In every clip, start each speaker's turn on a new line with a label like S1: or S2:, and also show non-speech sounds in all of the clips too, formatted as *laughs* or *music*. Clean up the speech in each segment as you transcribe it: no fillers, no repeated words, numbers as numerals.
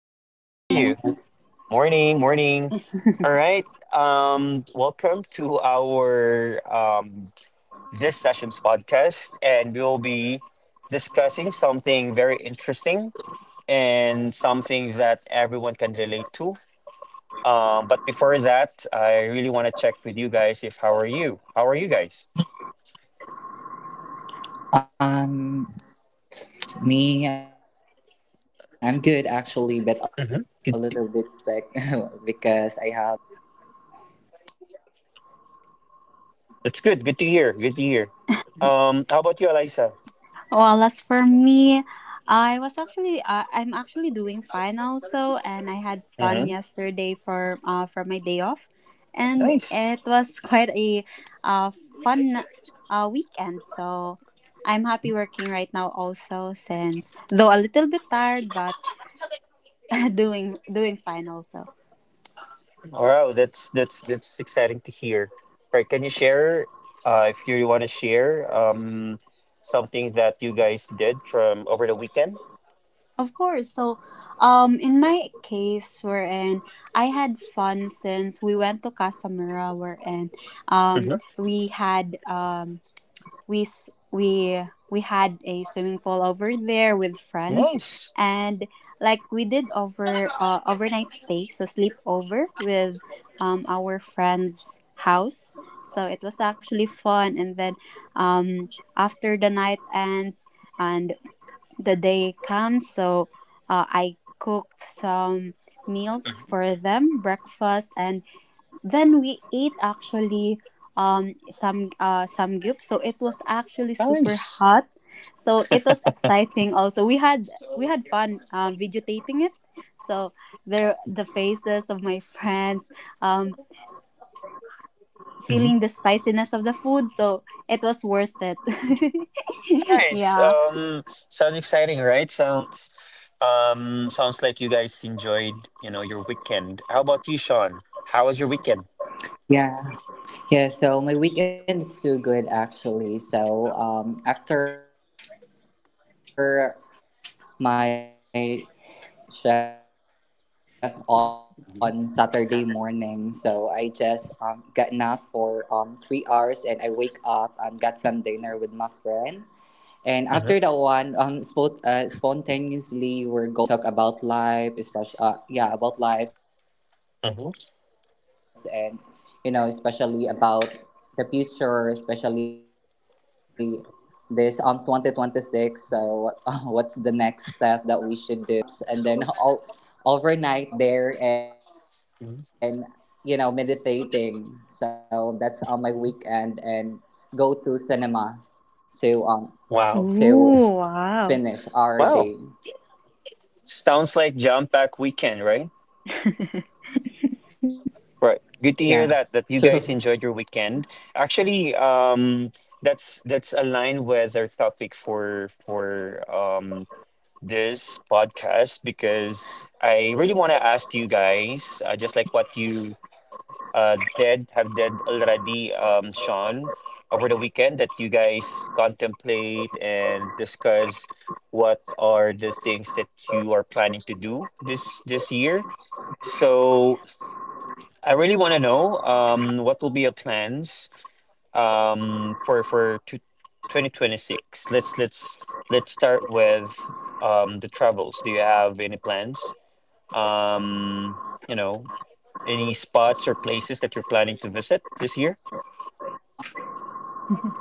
S1: Good
S2: How are you?
S1: morning.
S3: Good morning, boss.
S2: Morning, morning. All
S1: *laughs*
S2: right. Welcome to our this session's podcast, and we'll be discussing something very interesting and something that everyone can relate to. But before that, I really want to check with you guys if how are you? How are you guys?
S3: Me, I'm good actually, but a little bit sick *laughs* because I have
S2: Mhm.
S3: some
S2: Good.
S3: runny nose right now, but still good.
S2: That's good. Good to hear. Good to hear. How about you, Eliza?
S1: Well, as for me, I'm actually doing fine also, and I had fun
S2: Mm-hmm.
S1: yesterday for my day off, and
S2: Nice.
S1: it was *laughs* quite a uh fun weekend. So I'm happy working right now also, since though a little bit tired, but *laughs* doing fine also.
S2: Wow, that's exciting to hear. Right, can you share, if you want to share, something that you guys did from over the weekend?
S1: Of course. So, in my case, wherein I had fun since we went to Casamura, wherein
S2: Mm-hmm. Nice,
S1: we had we s- we had a swimming pool over there with friends,
S2: nice,
S1: and like we did overnight stay, so sleep over with our friend's house. So it was actually fun, and then um after the night ends and the day comes. So I cooked some meals for them, breakfast, and then we ate actually some gyup. So it was actually super hot. So it was exciting. Also, we had fun videotaping it. So there the faces of my friends um
S2: mm-hmm.
S1: feeling the spiciness of the food. So it was worth it. *laughs*
S2: Nice.
S1: Yeah.
S2: Sounds exciting, right? Sounds, sounds like you guys enjoyed, your weekend. How about you, Sean? How was your weekend?
S3: Yeah, yeah. So my weekend is too good actually. So after my shift on Saturday morning, so I just got enough for
S2: Hmm.
S3: 3 hours, and I wake up and got some dinner with my friend. And after that one, spontaneously we're going out. Um, Go to coffee shop and talk about life, especially
S2: Hmm.
S3: yeah, about lives and you know, especially about the future, especially this 2026. So *laughs* what's the next step that we should do? And also yes, both after that one we go through taps and then *laughs* all overnight there and you know meditating. So that's on my weekend, and go to cinema to um to
S2: Wow.
S3: finish our
S1: Oh
S3: day.
S1: wow.
S2: Wow. Sounds like jump back weekend, right?
S1: *laughs*
S3: Yeah,
S2: Right. Good to
S3: true.
S2: hear that you guys enjoyed your weekend. Actually, that's aligned with our topic for this podcast because I really want to ask you guys, just like what you did already, Sean, over the weekend that you guys contemplate and discuss what are the things that you are planning to do this year. So I really want to know what will be your plans for 2026. Let's start with the travels. Do you have any plans? Um, you know, any spots or places that you're planning to visit this year?
S1: *laughs*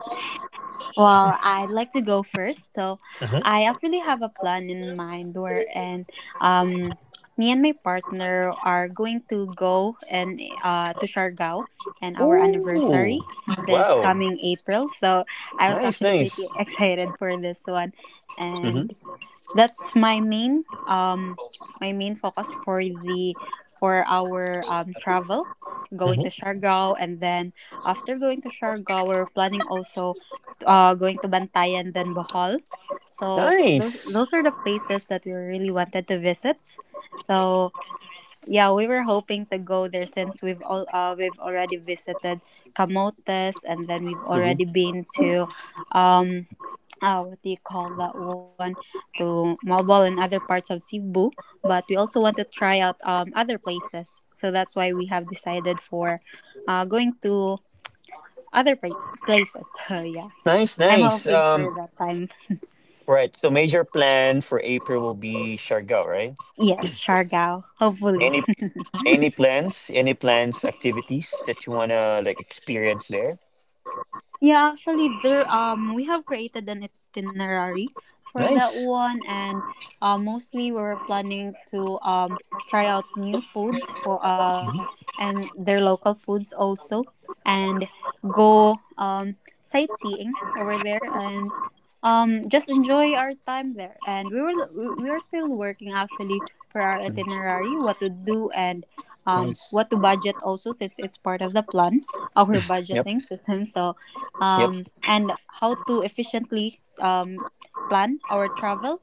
S1: Well, I'd like to go first. So,
S2: Hmm.
S1: I actually have a plan in mind where and um me and my partner are going to go and to Siargao and our
S2: Ooh,
S1: anniversary this
S2: wow.
S1: coming April. So, I was
S2: Nice,
S1: actually
S2: nice.
S1: pretty *laughs* excited for this one.
S2: Hmm.
S1: And that's my main focus for our travel going to
S2: Hmm.
S1: Siargao, and then after going to Siargao we're planning also going to Bantayan then Bohol. So those
S2: Nice.
S1: those are the places that we really wanted to visit. So yeah, we were hoping to go there since we've already visited Camotes, and then we've
S2: Hmm.
S1: already been to, um what do you call that one, to Malbol and other parts of Cebu. But we also want to try out other places, so that's why we have decided for, going to other places. *laughs* So yeah,
S2: Nice,
S1: I'm
S2: nice.
S1: hoping for that time.
S2: Right. So major plan for April will be Siargao, right?
S1: Yes, Siargao, hopefully.
S2: Any any plans, activities that you wanna like experience there?
S1: Yeah, actually, there we have created an itinerary for that
S2: Nice.
S1: one, and mostly we were planning to try out new foods for
S2: Mhm.
S1: and their local foods also, and go sightseeing over there and just enjoy our time there. And we are still working actually for our
S2: Mm.
S1: itinerary, what to do, and
S2: Nice.
S1: what to budget also, since it's part of the plan, our
S2: Yep.
S1: budgeting system. So,
S2: Yep.
S1: and how to efficiently plan our travel,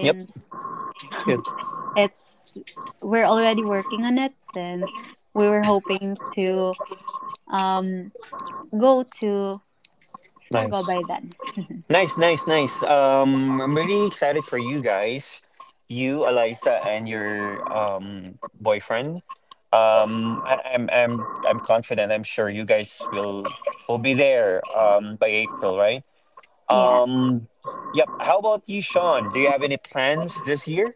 S2: Yep. It's good.
S1: it's we're already working on it, since we were hoping to, um, go to Siargao
S2: Nice.
S1: by then. *laughs*
S2: Nice, nice, nice. I'm really excited for you guys, you, Eliza, and your boyfriend. I'm confident. I'm sure you guys will be there by April, right?
S1: Yeah.
S2: Um, yep. How about you, Sean? Do you have any plans this year?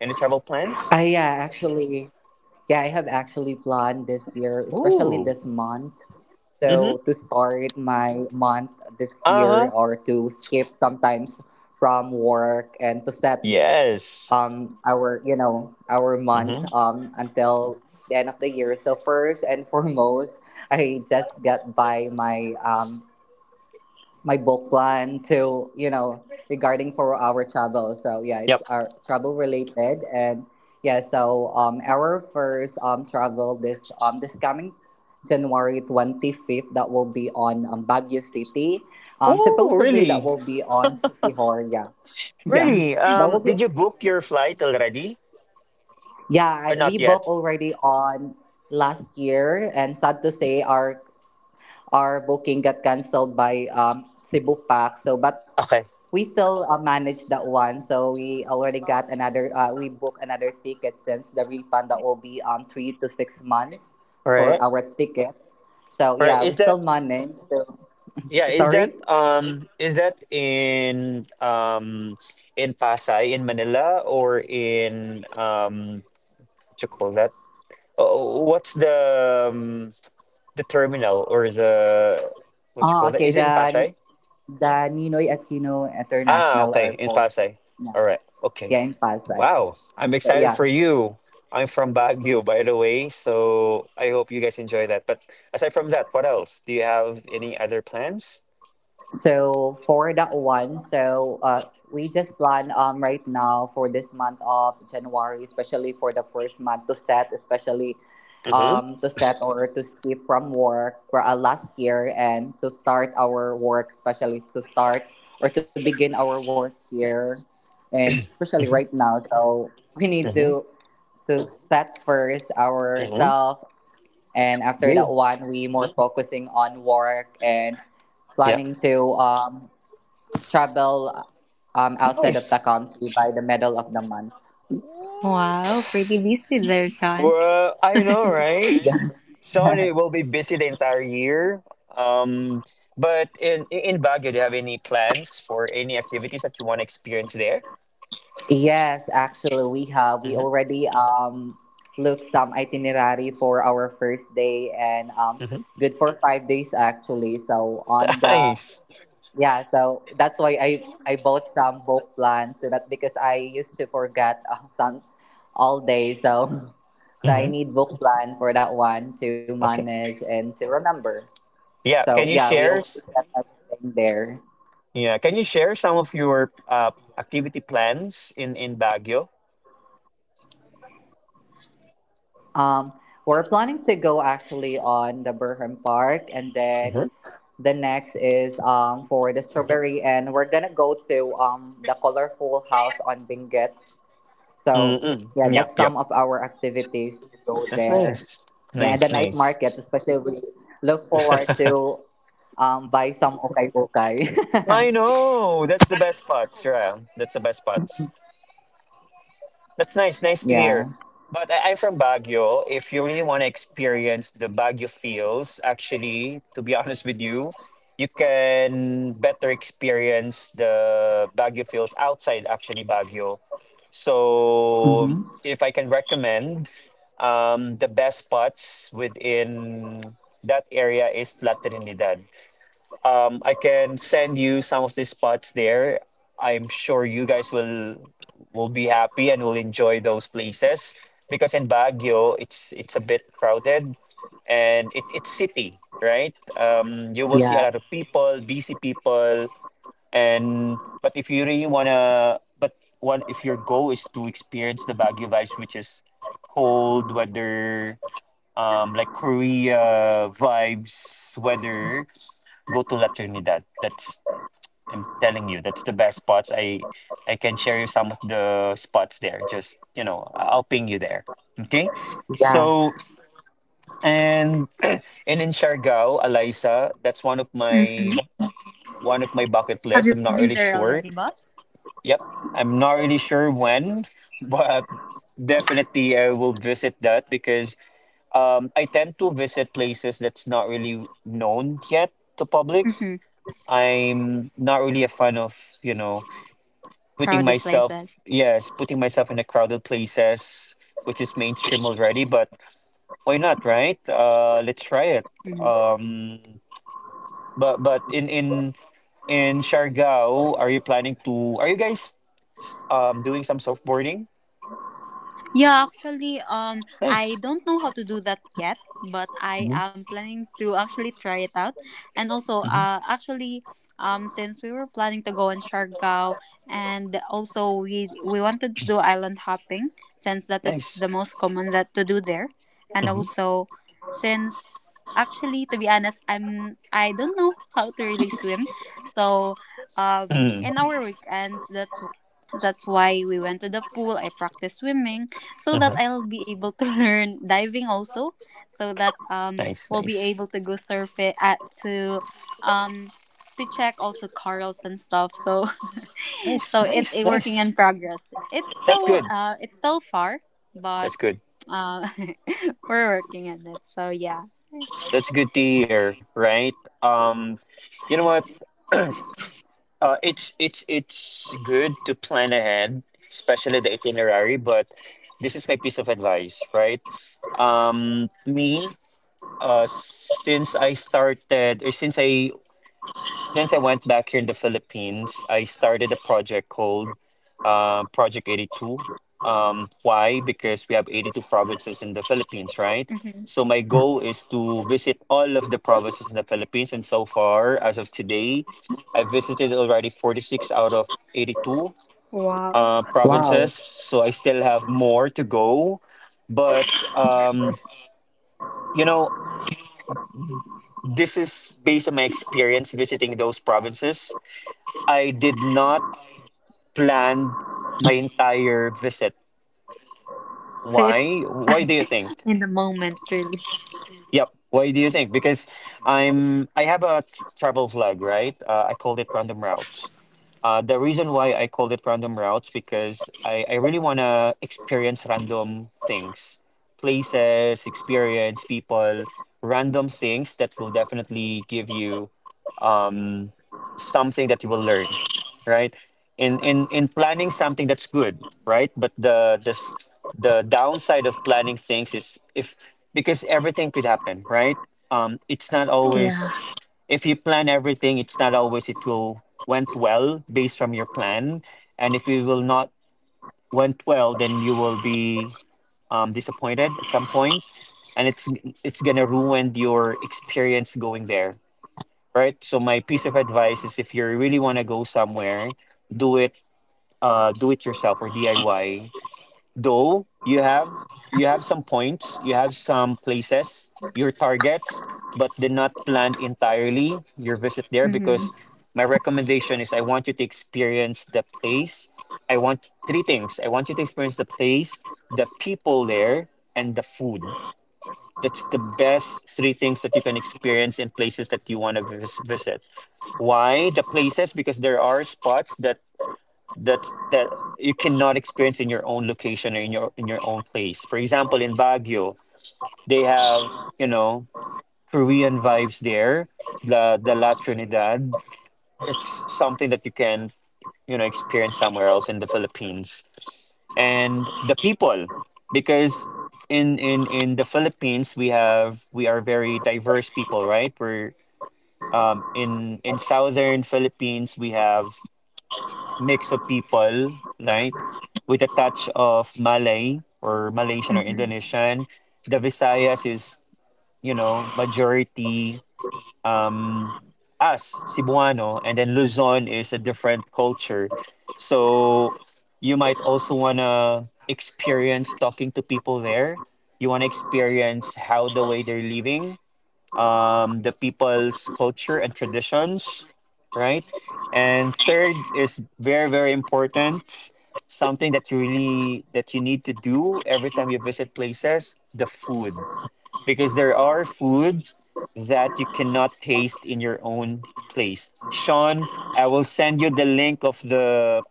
S2: Any travel
S3: *laughs*
S2: plans?
S3: actually, yeah, I have actually planned this year, especially
S2: Ooh.
S3: this month.
S2: Mm-hmm.
S3: So to start my month this year,
S2: Uh-huh.
S3: or to skip sometimes from work, and to set
S2: Yes.
S3: our you know our
S2: Mm-hmm.
S3: month until the end of the year. So first and *laughs* foremost, I just got by my my book plan to you know regarding for our travel. So yeah, it's
S2: Yep.
S3: our travel related. And yeah, so our first travel this this coming January 25th, that will be on Baguio city. Um,
S2: Oh,
S3: supposedly that
S2: really?
S3: will be on city hall. Yeah yeah
S2: Really?
S3: *laughs* that will be
S2: Did you book your flight already
S3: yeah.
S2: or not
S3: We booked
S2: yet?
S3: already on last year, and sad to say our booking got cancelled by Cebu Pack. So, but
S2: Okay.
S3: we still managed that one, so we already got another we booked another ticket, since the refund that will be 3 to 6 months
S2: All
S3: for
S2: right.
S3: our ticket. So
S2: All right.
S3: yeah,
S2: Is
S3: we still
S2: that
S3: managed to
S2: Yeah, is that
S3: sorry.
S2: in in Pasay in Manila or in what you call that? Oh, what's the terminal or the what you
S3: oh
S2: call that?
S3: okay
S2: Is it in
S3: the
S2: Pasay?
S3: Ninoy Aquino
S2: Ah,
S3: International
S2: okay, in
S3: Airport.
S2: Pasay.
S3: Yeah,
S2: All right. Okay.
S3: yeah, in Pasay.
S2: Wow. I'm
S3: So
S2: excited
S3: yeah.
S2: for you. I'm from Baguio, by the way, so I hope you guys enjoy that. But aside from that, what else? Do you have any other plans?
S3: So for that one, we just plan right now for this month of January, especially for the first month, to set, especially
S2: Mm-hmm.
S3: to set or to skip from work for last year, and to start our work, especially to start or to begin our work here, and especially right now. So we need
S2: Hmm.
S3: to set first
S2: Hmm.
S3: ourselves, and after
S2: Agree.
S3: that one, we more focusing on work and
S2: Yep.
S3: planning to travel outside of the
S2: Nice.
S3: country by the middle of the month.
S1: Wow, pretty
S2: What?
S1: busy there, Sean.
S2: Well, I know, right?
S3: Yeah. *laughs*
S2: Sony will be busy the entire year. Um, but in Baguio, do you have any plans for any activities that you want to experience there?
S3: Yes, actually, we have. We
S2: Mm-hmm.
S3: already looked some itinerary for our first day and
S2: Mm-hmm.
S3: good for 5 days actually. So on
S2: *laughs*
S3: the
S2: Nice.
S3: yeah, so that's why I bought some book plans, so that because I used to forget *laughs* some all day. So *laughs* so I
S2: Mm-hmm.
S3: need book plan for that one to
S2: Okay.
S3: manage and to remember.
S2: Yeah. Can
S3: So
S2: you
S3: yeah, we
S2: share?
S3: already
S2: s-
S3: set everything there.
S2: Yeah. Can you share some of your activity plans in Baguio?
S3: Um, we're planning to go actually on the Burham Park, and then
S2: Mm-hmm.
S3: the next is for the strawberry, and we're gonna go to the colorful house on Benguet. So
S2: Mm-mm.
S3: yeah,
S2: Yep.
S3: that's
S2: Yep.
S3: some of our activities to go
S2: That's
S3: there.
S2: nice. Nice,
S3: Yeah, and the night
S2: nice.
S3: market, especially we look forward
S2: *laughs*
S3: to buy some. Okay, okay.
S2: I know. That's the best part, yeah. That's the best part.
S3: *laughs*
S2: That's nice. Nice to hear. But
S3: Yeah.
S2: I'm from Baguio. If you really want to experience the Baguio feels, actually, to be *laughs* honest with you, you can better experience the Baguio feels outside, actually, Baguio. So, if I can
S3: Hmm.
S2: recommend, the best spots within that area is La Trinidad. I can send you some of the spots there. I'm sure you guys will be happy and will enjoy those places because in Baguio it's a bit crowded and it's city, right? You will see a lot of people, busy
S3: Yeah.
S2: people, and but if you really wanna, but one if your goal is to experience the Baguio vibes, which is cold weather, like Korea vibes weather, go to La Trinidad. That's I'm telling you, that's the best spots. I can share you some of the spots there. Just you know, I'll ping you there. Okay. So
S3: Yeah.
S2: and *clears throat* and in Siargao, Eliza, that's
S1: Mhm.
S2: one of my bucket
S1: Have
S2: lists.
S1: you
S2: I'm not
S1: been
S2: really
S1: there already,
S2: sure.
S1: boss?
S2: Yep, I'm not really sure when, *laughs* but definitely I will visit that because I tend to visit places that's not really known yet to public.
S1: Mm-hmm.
S2: I'm not really a fan of, you know,
S1: Crowded places.
S2: yes, putting myself in a crowded places, which is mainstream already, but why not, right? Let's try it.
S1: Mhm.
S2: Um, but in in Siargao, are you guys doing some surfboarding?
S1: Yeah, actually, I
S2: Nice.
S1: don't know how to do that yet, but I
S2: Hmm.
S1: am planning to actually try it out. And also,
S2: Hmm.
S1: actually, since we were planning to go on Siargao, and also we wanted to do island hopping, since that is
S2: Nice.
S1: the most common that to do there. And
S2: Mm-hmm.
S1: also, since actually, to be honest, I don't know *laughs* how to really swim, so in our weekends, that's why we went to the pool. I practiced swimming so that
S2: Mm-hmm.
S1: I'll be able to *laughs* learn diving also, so that
S2: Nice,
S1: we'll be
S2: nice.
S1: able to go surf it at um to check also corals and stuff. So *laughs*
S2: Nice,
S1: so it's
S2: nice,
S1: a working
S2: nice.
S1: in progress. It's
S2: That's
S1: still
S2: good.
S1: uh it's still far, but
S2: That's good.
S1: uh *laughs* we're working on it. So yeah.
S2: That's good to hear, right? Um, you know what? It's It's good to plan ahead, especially the itinerary. But this is my piece of advice, right? Me, since I started, or since I went back here in the Philippines, I started a project called Project 82. Why? Because we have 82 provinces in the Philippines, right?
S1: Hmm.
S2: So my goal is to visit all of the provinces in the Philippines. And so far, as of today, I visited already 46 out of 82
S1: Wow.
S2: provinces. So I
S3: Wow.
S2: still have more to go. But, um, you know, this is based on my experience visiting those provinces. I did not planned my entire visit.
S1: So it's
S2: Why? Why do you think?
S1: *laughs* in the moment really.
S2: Yep. Why do you think? Because I have a travel vlog, right? I called it Random Routes. The reason why I called it Random Routes because I really wanna experience random things, places, experience people, random things that will definitely give you something that you will learn, right? In planning something that's good, right? But the downside of planning things is if because everything could happen, right? It's not
S1: Yeah.
S2: always, if you plan everything, it's not always it will went well based from your plan. And if it will not went well, then you will be disappointed at some point, and it's gonna ruin your experience going there, right? So my piece of advice is, if you really want to go somewhere, do it do it yourself or DIY. Though you have some points, you have some places, your targets, but do not plan entirely your visit there
S1: Mm-hmm.
S2: because my recommendation is I want you to experience the place. I want three things. I want you to experience the place, the people there, and the food. That's the best three things that you can experience in places that you want to visit. Why the places? Because there are spots that that that you cannot experience in your own location or in your own place. For example, in Baguio, they have you know Korean vibes there. The La Trinidad. It's something that you can you know experience somewhere else in the Philippines. And the people, because in the Philippines, we are very diverse people, right? We're um in in southern Philippines, we have mix of people, right? With a touch of Malay or Malaysian or
S1: Mm-hmm.
S2: Indonesian. The Visayas is, you know, majority um us, Cebuano, and then Luzon is a different culture. So you might also wanna experience talking to people there. You wanna experience how the way they're living, the people's culture and traditions, right? And third is very, very important. Something that you really that you need to do every time you visit places, the food. Because there are food that you cannot taste in your own place. Sean, I will send you the link of the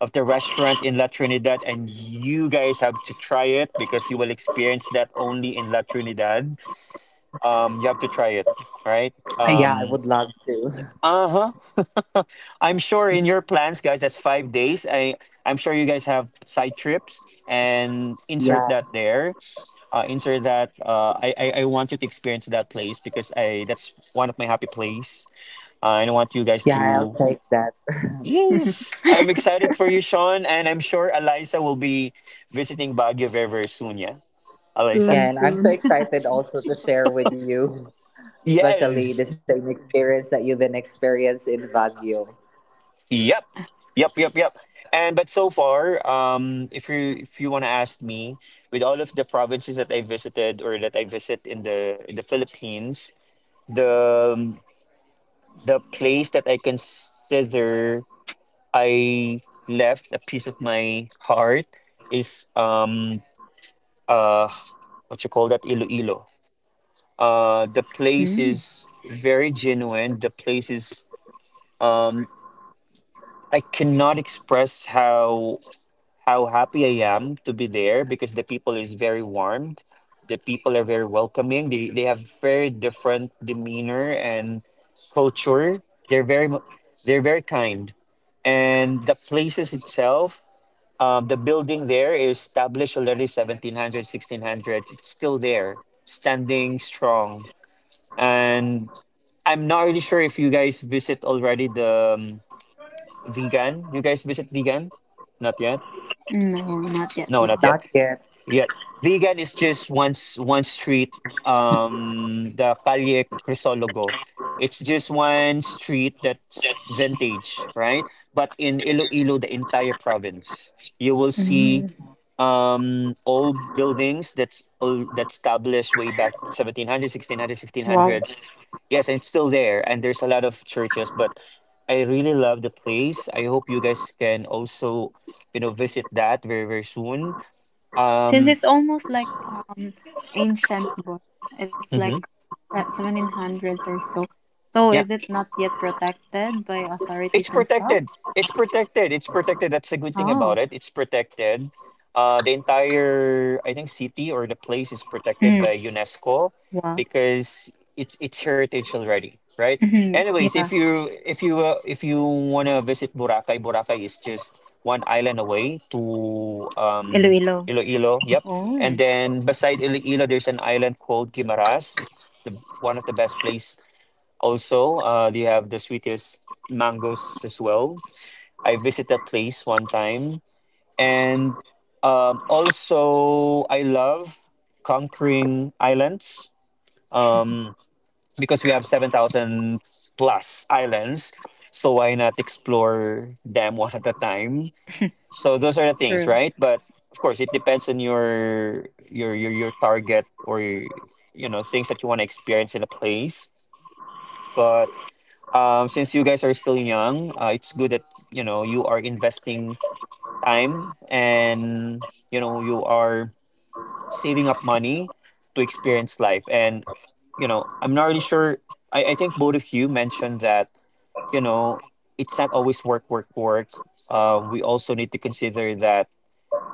S2: of the restaurant in La Trinidad, and you guys have to try it because you will experience that only in La Trinidad. You have to try it, right?
S3: Yeah, I would love to. *laughs*
S2: Uh huh. *laughs* I'm sure in your plans, guys, that's 5 days. I'm sure you guys have side trips and insert that
S3: Yeah.
S2: there. Insert that. I want you to experience that place because I that's one of my happy place. And I want you guys
S3: Yeah, I'll
S2: to.
S3: take that. *laughs*
S2: Yes, I'm excited for you, Sean, and I'm sure Eliza will be visiting Baguio very very soon. Yeah,
S1: *laughs*
S2: Eliza.
S1: Soon,
S3: Yeah, and I'm
S1: soon.
S3: so excited also to share with you, especially the
S2: Yes.
S3: same experience that you then experienced in Baguio.
S2: Yep. Yep. And but so far, if you want to ask me, with all of the provinces that I visited or that I visit in the Philippines, the um, the place that I consider I left a piece of my heart is uh what you call that, Iloilo.
S1: Mm.
S2: The place is very genuine. The place is um I cannot express how happy I am to be there because the people is very warm. The people are very welcoming. They have very different demeanor and culture. They're very mu- they're very kind, and the places itself. The building there is established already 1700 1600. It's still there, standing strong. And I'm not really sure if you guys visit already the vegan. You guys visit vegan? Not yet.
S1: No, not yet
S2: No, not yet.
S1: lost.
S3: Not yet,
S2: Yep. Vegan is just one street, the Calle Crisologo. It's just one street that's vintage, right? But in Iloilo, the entire province, you will see
S1: Mm.
S2: old buildings that's old, that's established way back 1700s, 1600s,
S1: Wow.
S2: 1500s. Yes, and it's still there, and there's a lot of churches. But I really love the place. I hope you guys can also, visit that very very soon.
S1: Since
S2: Um,
S1: it's almost like ancient book. It's like
S2: hmm
S1: 1700s or so. So
S2: Yeah,
S1: is it not yet protected by
S2: it's
S1: authorities and stuff?
S2: protected. It's protected. It's protected. That's the good thing about
S1: Oh.
S2: it. It's protected. The entire, I think, city or the place is protected
S1: Mm.
S2: by UNESCO
S1: Wow.
S2: because it's heritage already, right?
S1: Mhm.
S2: Anyways,
S1: Yeah.
S2: if you if you if you wanna visit Boracay, Boracay is just one island away to um
S1: Iloilo.
S2: Iloilo. Yep.
S1: Oh,
S2: And then beside Iloilo, there's an island called Guimaras. It's the one of the best place. Also, they have the sweetest mangoes as well. I visited a place one time, and also I love conquering islands, um, because we have 7,000 plus islands. So why not explore them *laughs* one at a time? So those are the things,
S1: true.
S2: right? But of course, it depends on your target or, you know, things that you want to experience in a place. But since you guys are still young, it's good that, you know, you are investing time and, you know, you are saving up money to experience life. And, you know, I'm not really sure. I think both of you mentioned that, you know, it's not always work, work, work. We also need to consider that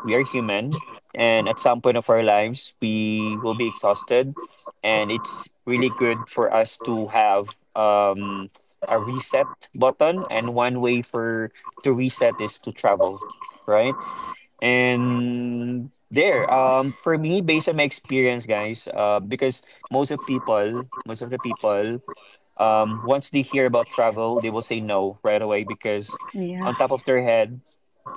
S2: we are human, and at some point of our lives we will be exhausted, and it's really good for us to have, a reset button. And one way for to reset is to travel, right? And there, for me, based on my experience, guys, because most of the people, once they hear about travel, they will say no right away because
S1: Yeah.
S2: on top of their head,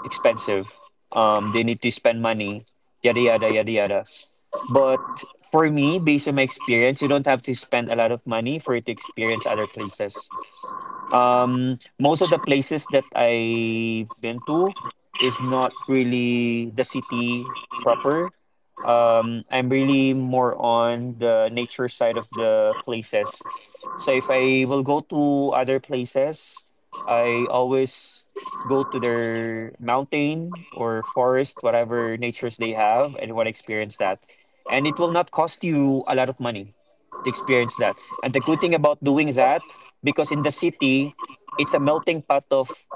S2: expensive. They need to spend money, yada yada yada yada. But for me, based on my experience, you don't have to spend a lot of money for you to experience other places. Most of the places that I've been to is not really the city proper. I'm really more on the nature side of the places. So if I will go to other places, I always go to their mountain or forest, whatever natures they have, and want to experience that. And it will not cost you a lot of money to experience that. And the good thing about doing that, because in the city, it's a melting pot of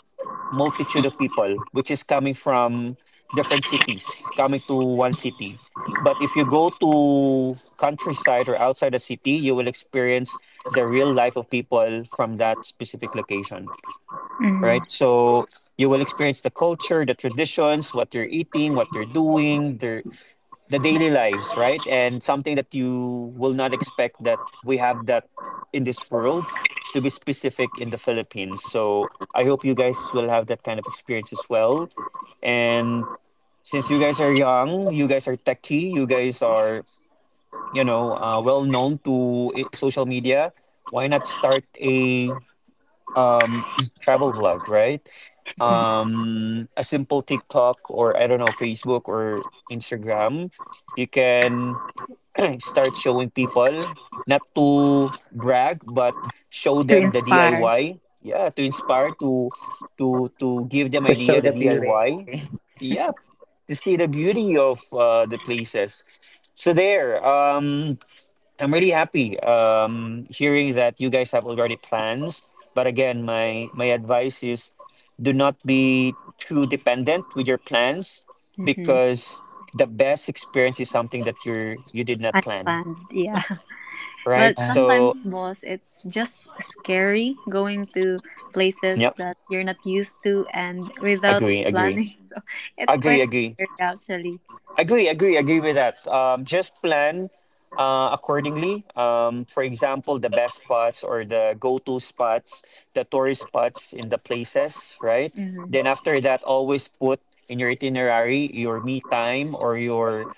S2: multitude of people, which is coming from different cities, coming to one city. But if you go to countryside or outside the city, you will experience the real life of people from that specific location,
S1: Mm.
S2: right? So you will experience the culture, the traditions, what they're eating, what they're doing, the daily lives, right? And something that you will not expect that we have that in this world, to be specific in the Philippines. So I hope you guys will have that kind of experience as well. And since you guys are young, you guys are techie, you guys are, you know, well known to social media, why not start a, um, *clears throat* travel vlog, right?
S1: *laughs*
S2: A simple TikTok or, I don't know, Facebook or Instagram. You can *clears throat* start showing people, not to brag, but show
S1: To
S2: them the
S1: inspire.
S2: DIY, yeah, to inspire to to
S3: to
S2: to
S3: show
S2: give
S3: the
S2: them idea,
S3: beauty.
S2: the
S3: *laughs*
S2: DIY, yeah, to see the beauty of the places. So there, I'm really happy, hearing that you guys have already plans. But again, my advice is, do not be too dependent with your plans,
S1: Mm-hmm.
S2: because the best experience is something that you did not plan,
S1: Unplanned, yeah. *laughs*
S2: right?
S1: But
S3: Yeah.
S2: So,
S1: sometimes, boss, it's just scary going to places
S2: yep,
S1: that you're not used to and without
S2: agree, agree,
S1: planning. *laughs* So it's
S2: agree,
S1: quite
S2: agree.
S1: scary, actually.
S2: Agree, agree, agree with that. Just plan accordingly. For example, the best spots or the go-to spots, the tourist spots in the places, right?
S1: Mhm.
S2: Then after that, always put in your itinerary your me time or your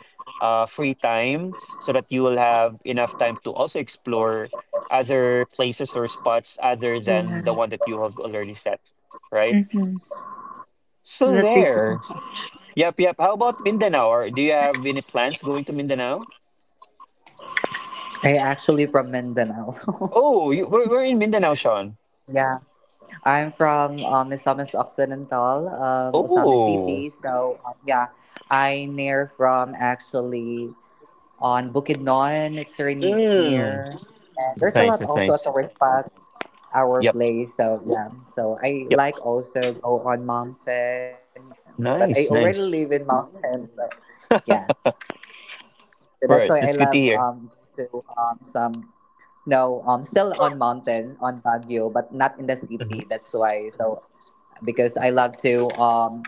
S2: free time, so that you will have enough time to also explore other places or spots other than the
S1: Yeah.
S2: one that you have already set, right?
S1: Hmm.
S2: So
S1: That's
S2: there.
S1: reasonable.
S2: Yep, yep. How about Mindanao? Or do you have any plans going to Mindanao?
S3: I actually from Mindanao. *laughs*
S2: Oh, you, we're in Mindanao, Sean.
S3: Yeah, I'm from Misamis Occidental, Osamis
S2: Oh,
S3: City. So yeah, I near from actually on Bukidnon. It's very
S2: mm.
S3: near. And
S2: That's
S3: there's a
S2: nice.
S3: lot
S2: That's
S3: also at
S2: nice.
S3: the spot our
S2: Yep,
S3: place. So yeah, so I
S2: yep.
S3: like also go on mountain, but I already
S2: Nice,
S3: live in
S2: nice.
S3: mountain. So yeah, so that's why I
S2: Right,
S3: love
S2: that's good to hear.
S3: to some no still on mountain on Baguio, but not in the city.
S2: Hmm.
S3: That's why. So because I love to um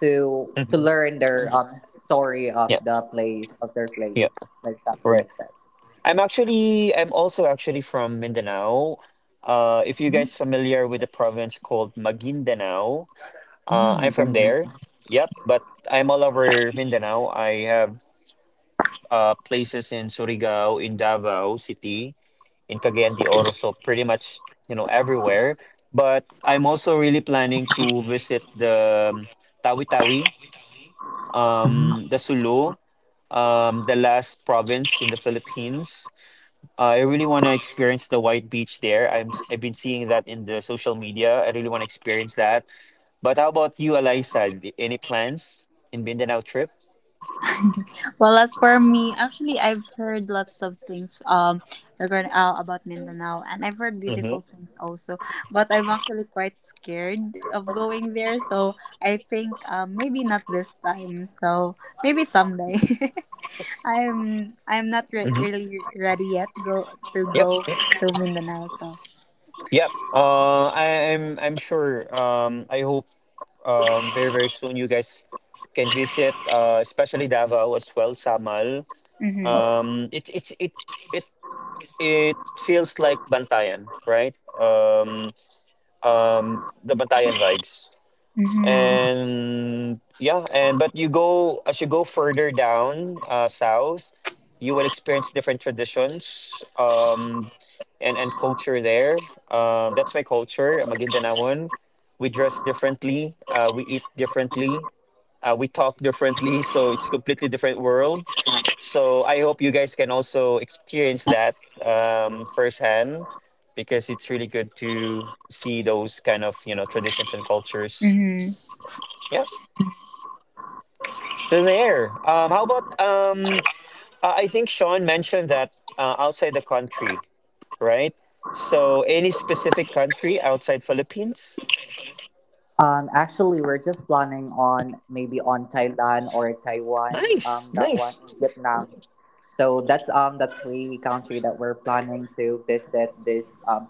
S3: to to
S2: Hmm.
S3: learn their story of
S2: Yep,
S3: their
S2: yep.
S3: place, like something
S2: Right.
S3: like that.
S2: I'm also actually from Mindanao. If you
S3: Mm,
S2: guys familiar with the province called Maguindanao, I'm
S3: mm,
S2: from
S3: maganda.
S2: there. Yep, but I'm all over Mindanao. I have places in Surigao, in Davao City, in Cagayan de Oro, so pretty much, you know, everywhere. But I'm also really planning to visit the Tawi Tawi, the Sulu, the last province in the Philippines. I really want to experience the white beach there. I've been seeing that in the social media. I really want to experience that. But how about you, Eliza? Any plans in Mindanao trip?
S1: *laughs* Well, as for me, actually, I've heard lots of things, regarding about Mindanao, and I've heard
S2: Mm-hmm.
S1: beautiful things also. But I'm actually quite scared of going there, so I think maybe not this time. So maybe someday. *laughs* I'm not
S2: Mm-hmm.
S1: really ready yet go to
S2: Yep.
S1: go to Mindanao so.
S2: Yep. I'm sure. I hope, very very soon, you guys can visit, especially Davao as well, Samal.
S1: Mhm.
S2: It it feels like Bantayan, right? The Bantayan vibes,
S1: Mhm.
S2: and yeah, and but you go, as you go further down, south, you will experience different traditions, and culture there, that's my culture, I'm a Guindanaoan. We dress differently, we eat differently, we talk differently, so it's a completely different world. So I hope you guys can also experience that, firsthand, because it's really good to see those kind of, you know, traditions and cultures.
S1: Mhm.
S2: Yeah, so there. How about um? I think Sean mentioned that, outside the country, right? So any specific country outside Philippines?
S3: Actually, we're just planning on maybe on Thailand or Taiwan.
S2: Nice,
S3: Um, that one,
S2: nice.
S3: Vietnam. So that's three country that we're planning to visit this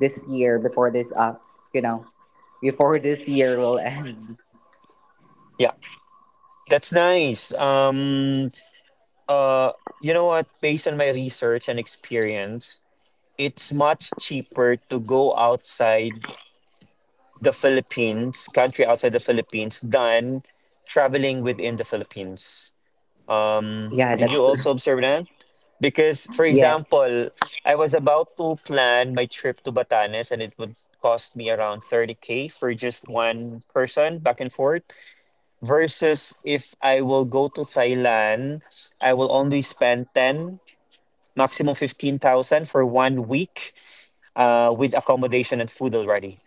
S3: this year before this you know before this year will *laughs* end.
S2: Yeah, that's nice. Uh, you know what? Based on my research and experience, it's much cheaper to go outside the Philippines, country outside the Philippines, than traveling within the Philippines.
S3: Yeah,
S2: Did
S3: that's
S2: you
S3: true.
S2: also observe that? Because, for
S3: Yes.
S2: example, I was about to plan my trip to Batanes, and it would cost me around 30K for just one person back and forth. Versus if I will go to Thailand, I will only spend 10, maximum 15,000 for one week with accommodation and food already.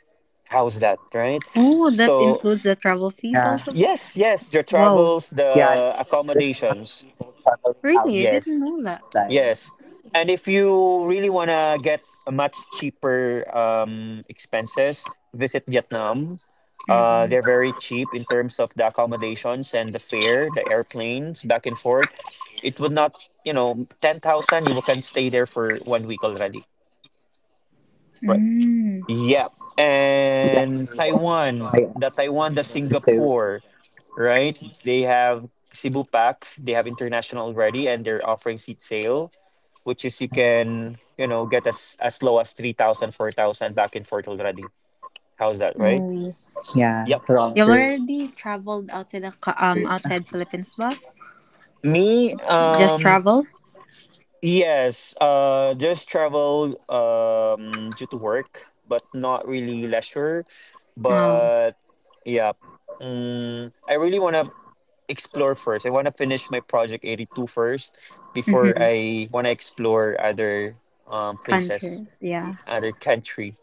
S2: How's that, right?
S1: Oh, that
S2: So,
S1: includes the travel fees
S3: Yeah,
S1: also.
S2: yes, yes, the
S1: Wow.
S2: travels,
S3: yeah. That's
S2: the
S3: why there's a lot of
S2: accommodations.
S3: people traveling
S1: Really? I
S3: outside.
S1: didn't
S2: Yes.
S1: know that.
S2: Yes. And if you really want to get a much cheaper, expenses, visit Vietnam.
S1: Mhm.
S2: They're very cheap in terms of the accommodations and the fare, the airplanes back and forth. It would not, you know, 10,000, you can stay there for one week already. Right.
S1: Mm.
S2: Yep.
S3: That's why
S2: And Taiwan,
S3: I too.
S2: The Singapore, right? They have Cebu Pack, they have international already, and they're offering seat sale, which is you can, you know, get as low as 3000 4000 back and forth already. How's that, right?
S1: Oh. Yeah.
S3: Yeah, wrong truth.
S2: Yep.
S1: You've already traveled outside Philippines, boss?
S2: Me,
S1: Just travel?
S2: yes, just travel, due to work, but not really leisure.
S1: Oh.
S2: But yeah, mm, I really want to explore first. I want to finish my project 82 first before
S1: Mhm.
S2: I want to explore other, places,
S1: Countries. Yeah.
S2: other country.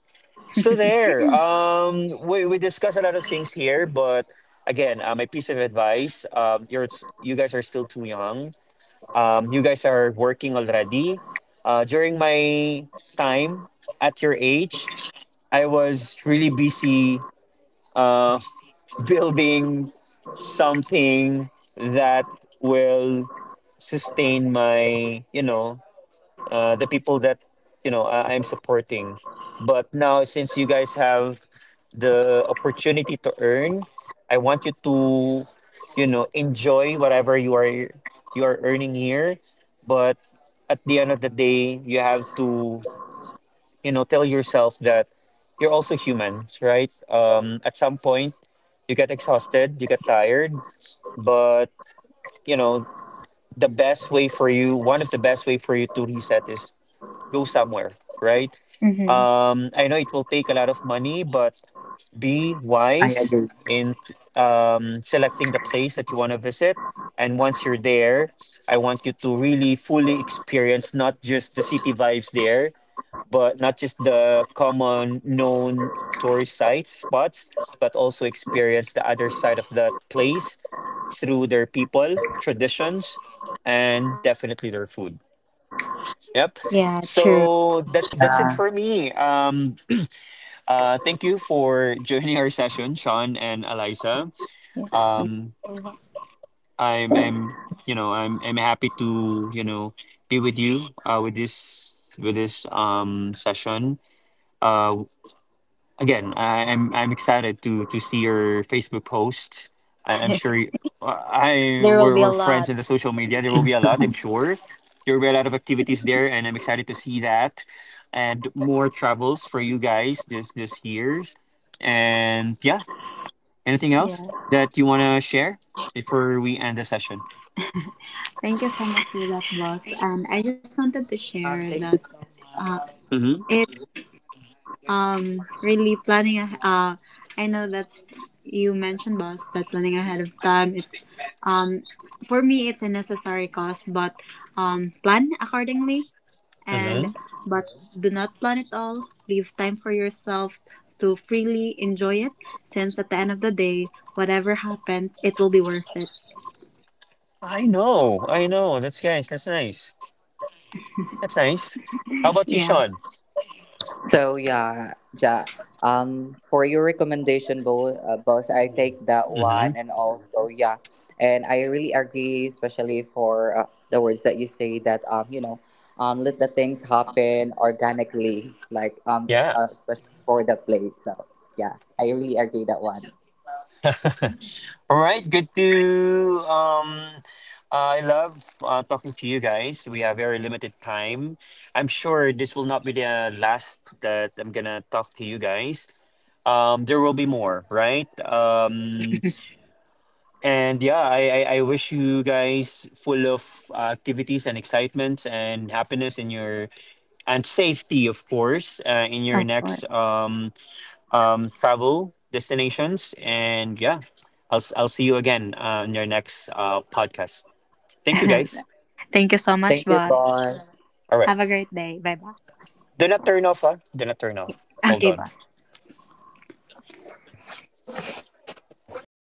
S2: So
S1: *laughs*
S2: there, we discussed a lot of things here, but again, my piece of advice: you guys are still too young. You guys are working already. During my time, at your age, I was really busy, uh, *laughs* building something that will sustain my, you know, the people that, you know, I'm supporting. But now, since you guys have the opportunity to earn, I want you to, you know, enjoy whatever you are earning here. But at the end of the day, you have to, you know, tell yourself that you're also humans, right? At some point, you get exhausted, you get tired, but, you know, the best way for you, one of the best way for you to reset is, go somewhere, right?
S1: Mhm.
S2: I know it will
S3: I
S2: take a lot
S3: agree.
S2: of money, but be wise in, selecting the place that you want to visit. And once you're there, I want you to really fully experience, not just the city vibes there, but not just the common known tourist sites, spots, but also experience the other side of that place through their people, traditions, and definitely their food. Yep.
S1: Yeah, true.
S2: So that that's it
S3: Yeah.
S2: for me. Thank you for joining our session, Sean and Eliza.
S1: Yeah. Thank
S2: Um,
S1: you so much.
S2: I'm, you know, I'm happy to, you know, be with you, with this, session. Uh, I'm excited to see your Facebook post. I'm sure you,
S1: *laughs*
S2: I
S1: There will
S2: we're
S1: be a
S2: friends
S1: lot.
S2: in the social media. There will be a lot, I'm sure. There will be a lot of activities there, and I'm excited to see that, and more travels for you guys this year's. And yeah, anything else
S1: Yeah.
S2: that you want to share before we end the session?
S1: Thank you so much for that, boss. And I just wanted to
S3: Thank you
S1: share
S3: so
S1: that,
S3: much.
S1: uh,
S2: Mm-hmm.
S1: it's really planning. I know that you mentioned, boss, that planning ahead of time. It's um for me, it's a necessary cost, but plan accordingly, and
S2: Mm-hmm.
S1: but do not plan it all. Leave time for yourself to freely enjoy it, since at the end of the day, whatever happens, it will be worth it.
S2: I know, I know. That's nice. That's nice. That's nice. How about you,
S1: Yeah,
S2: Sean?
S3: So yeah, ja, for your recommendation, boss, I take that
S2: Mm-hmm.
S3: one, and also yeah, and I really agree, especially for the words that you say that you know, let the things happen organically, like
S2: Yeah.
S3: especially for the play. So yeah, I really agree that one.
S2: *laughs* All right, good to I love talking to you guys. We have very limited time. I'm sure this will not be the last that I'm gonna talk to you guys. There will be more, right? And yeah, I wish you guys full of, activities and excitement and happiness in your, and safety, of course, in
S1: of
S2: your
S1: course.
S2: next, travel destinations. And yeah, I'll see you again, on your next, podcast. Thank you, guys.
S1: *laughs* Thank you so much,
S3: Thank you,
S1: boss.
S3: boss.
S2: All
S1: Have a
S2: right,
S1: great day. Bye bye.
S2: do not turn off. Huh? Do not turn off. Hold
S1: Okay,
S2: on.
S1: boss.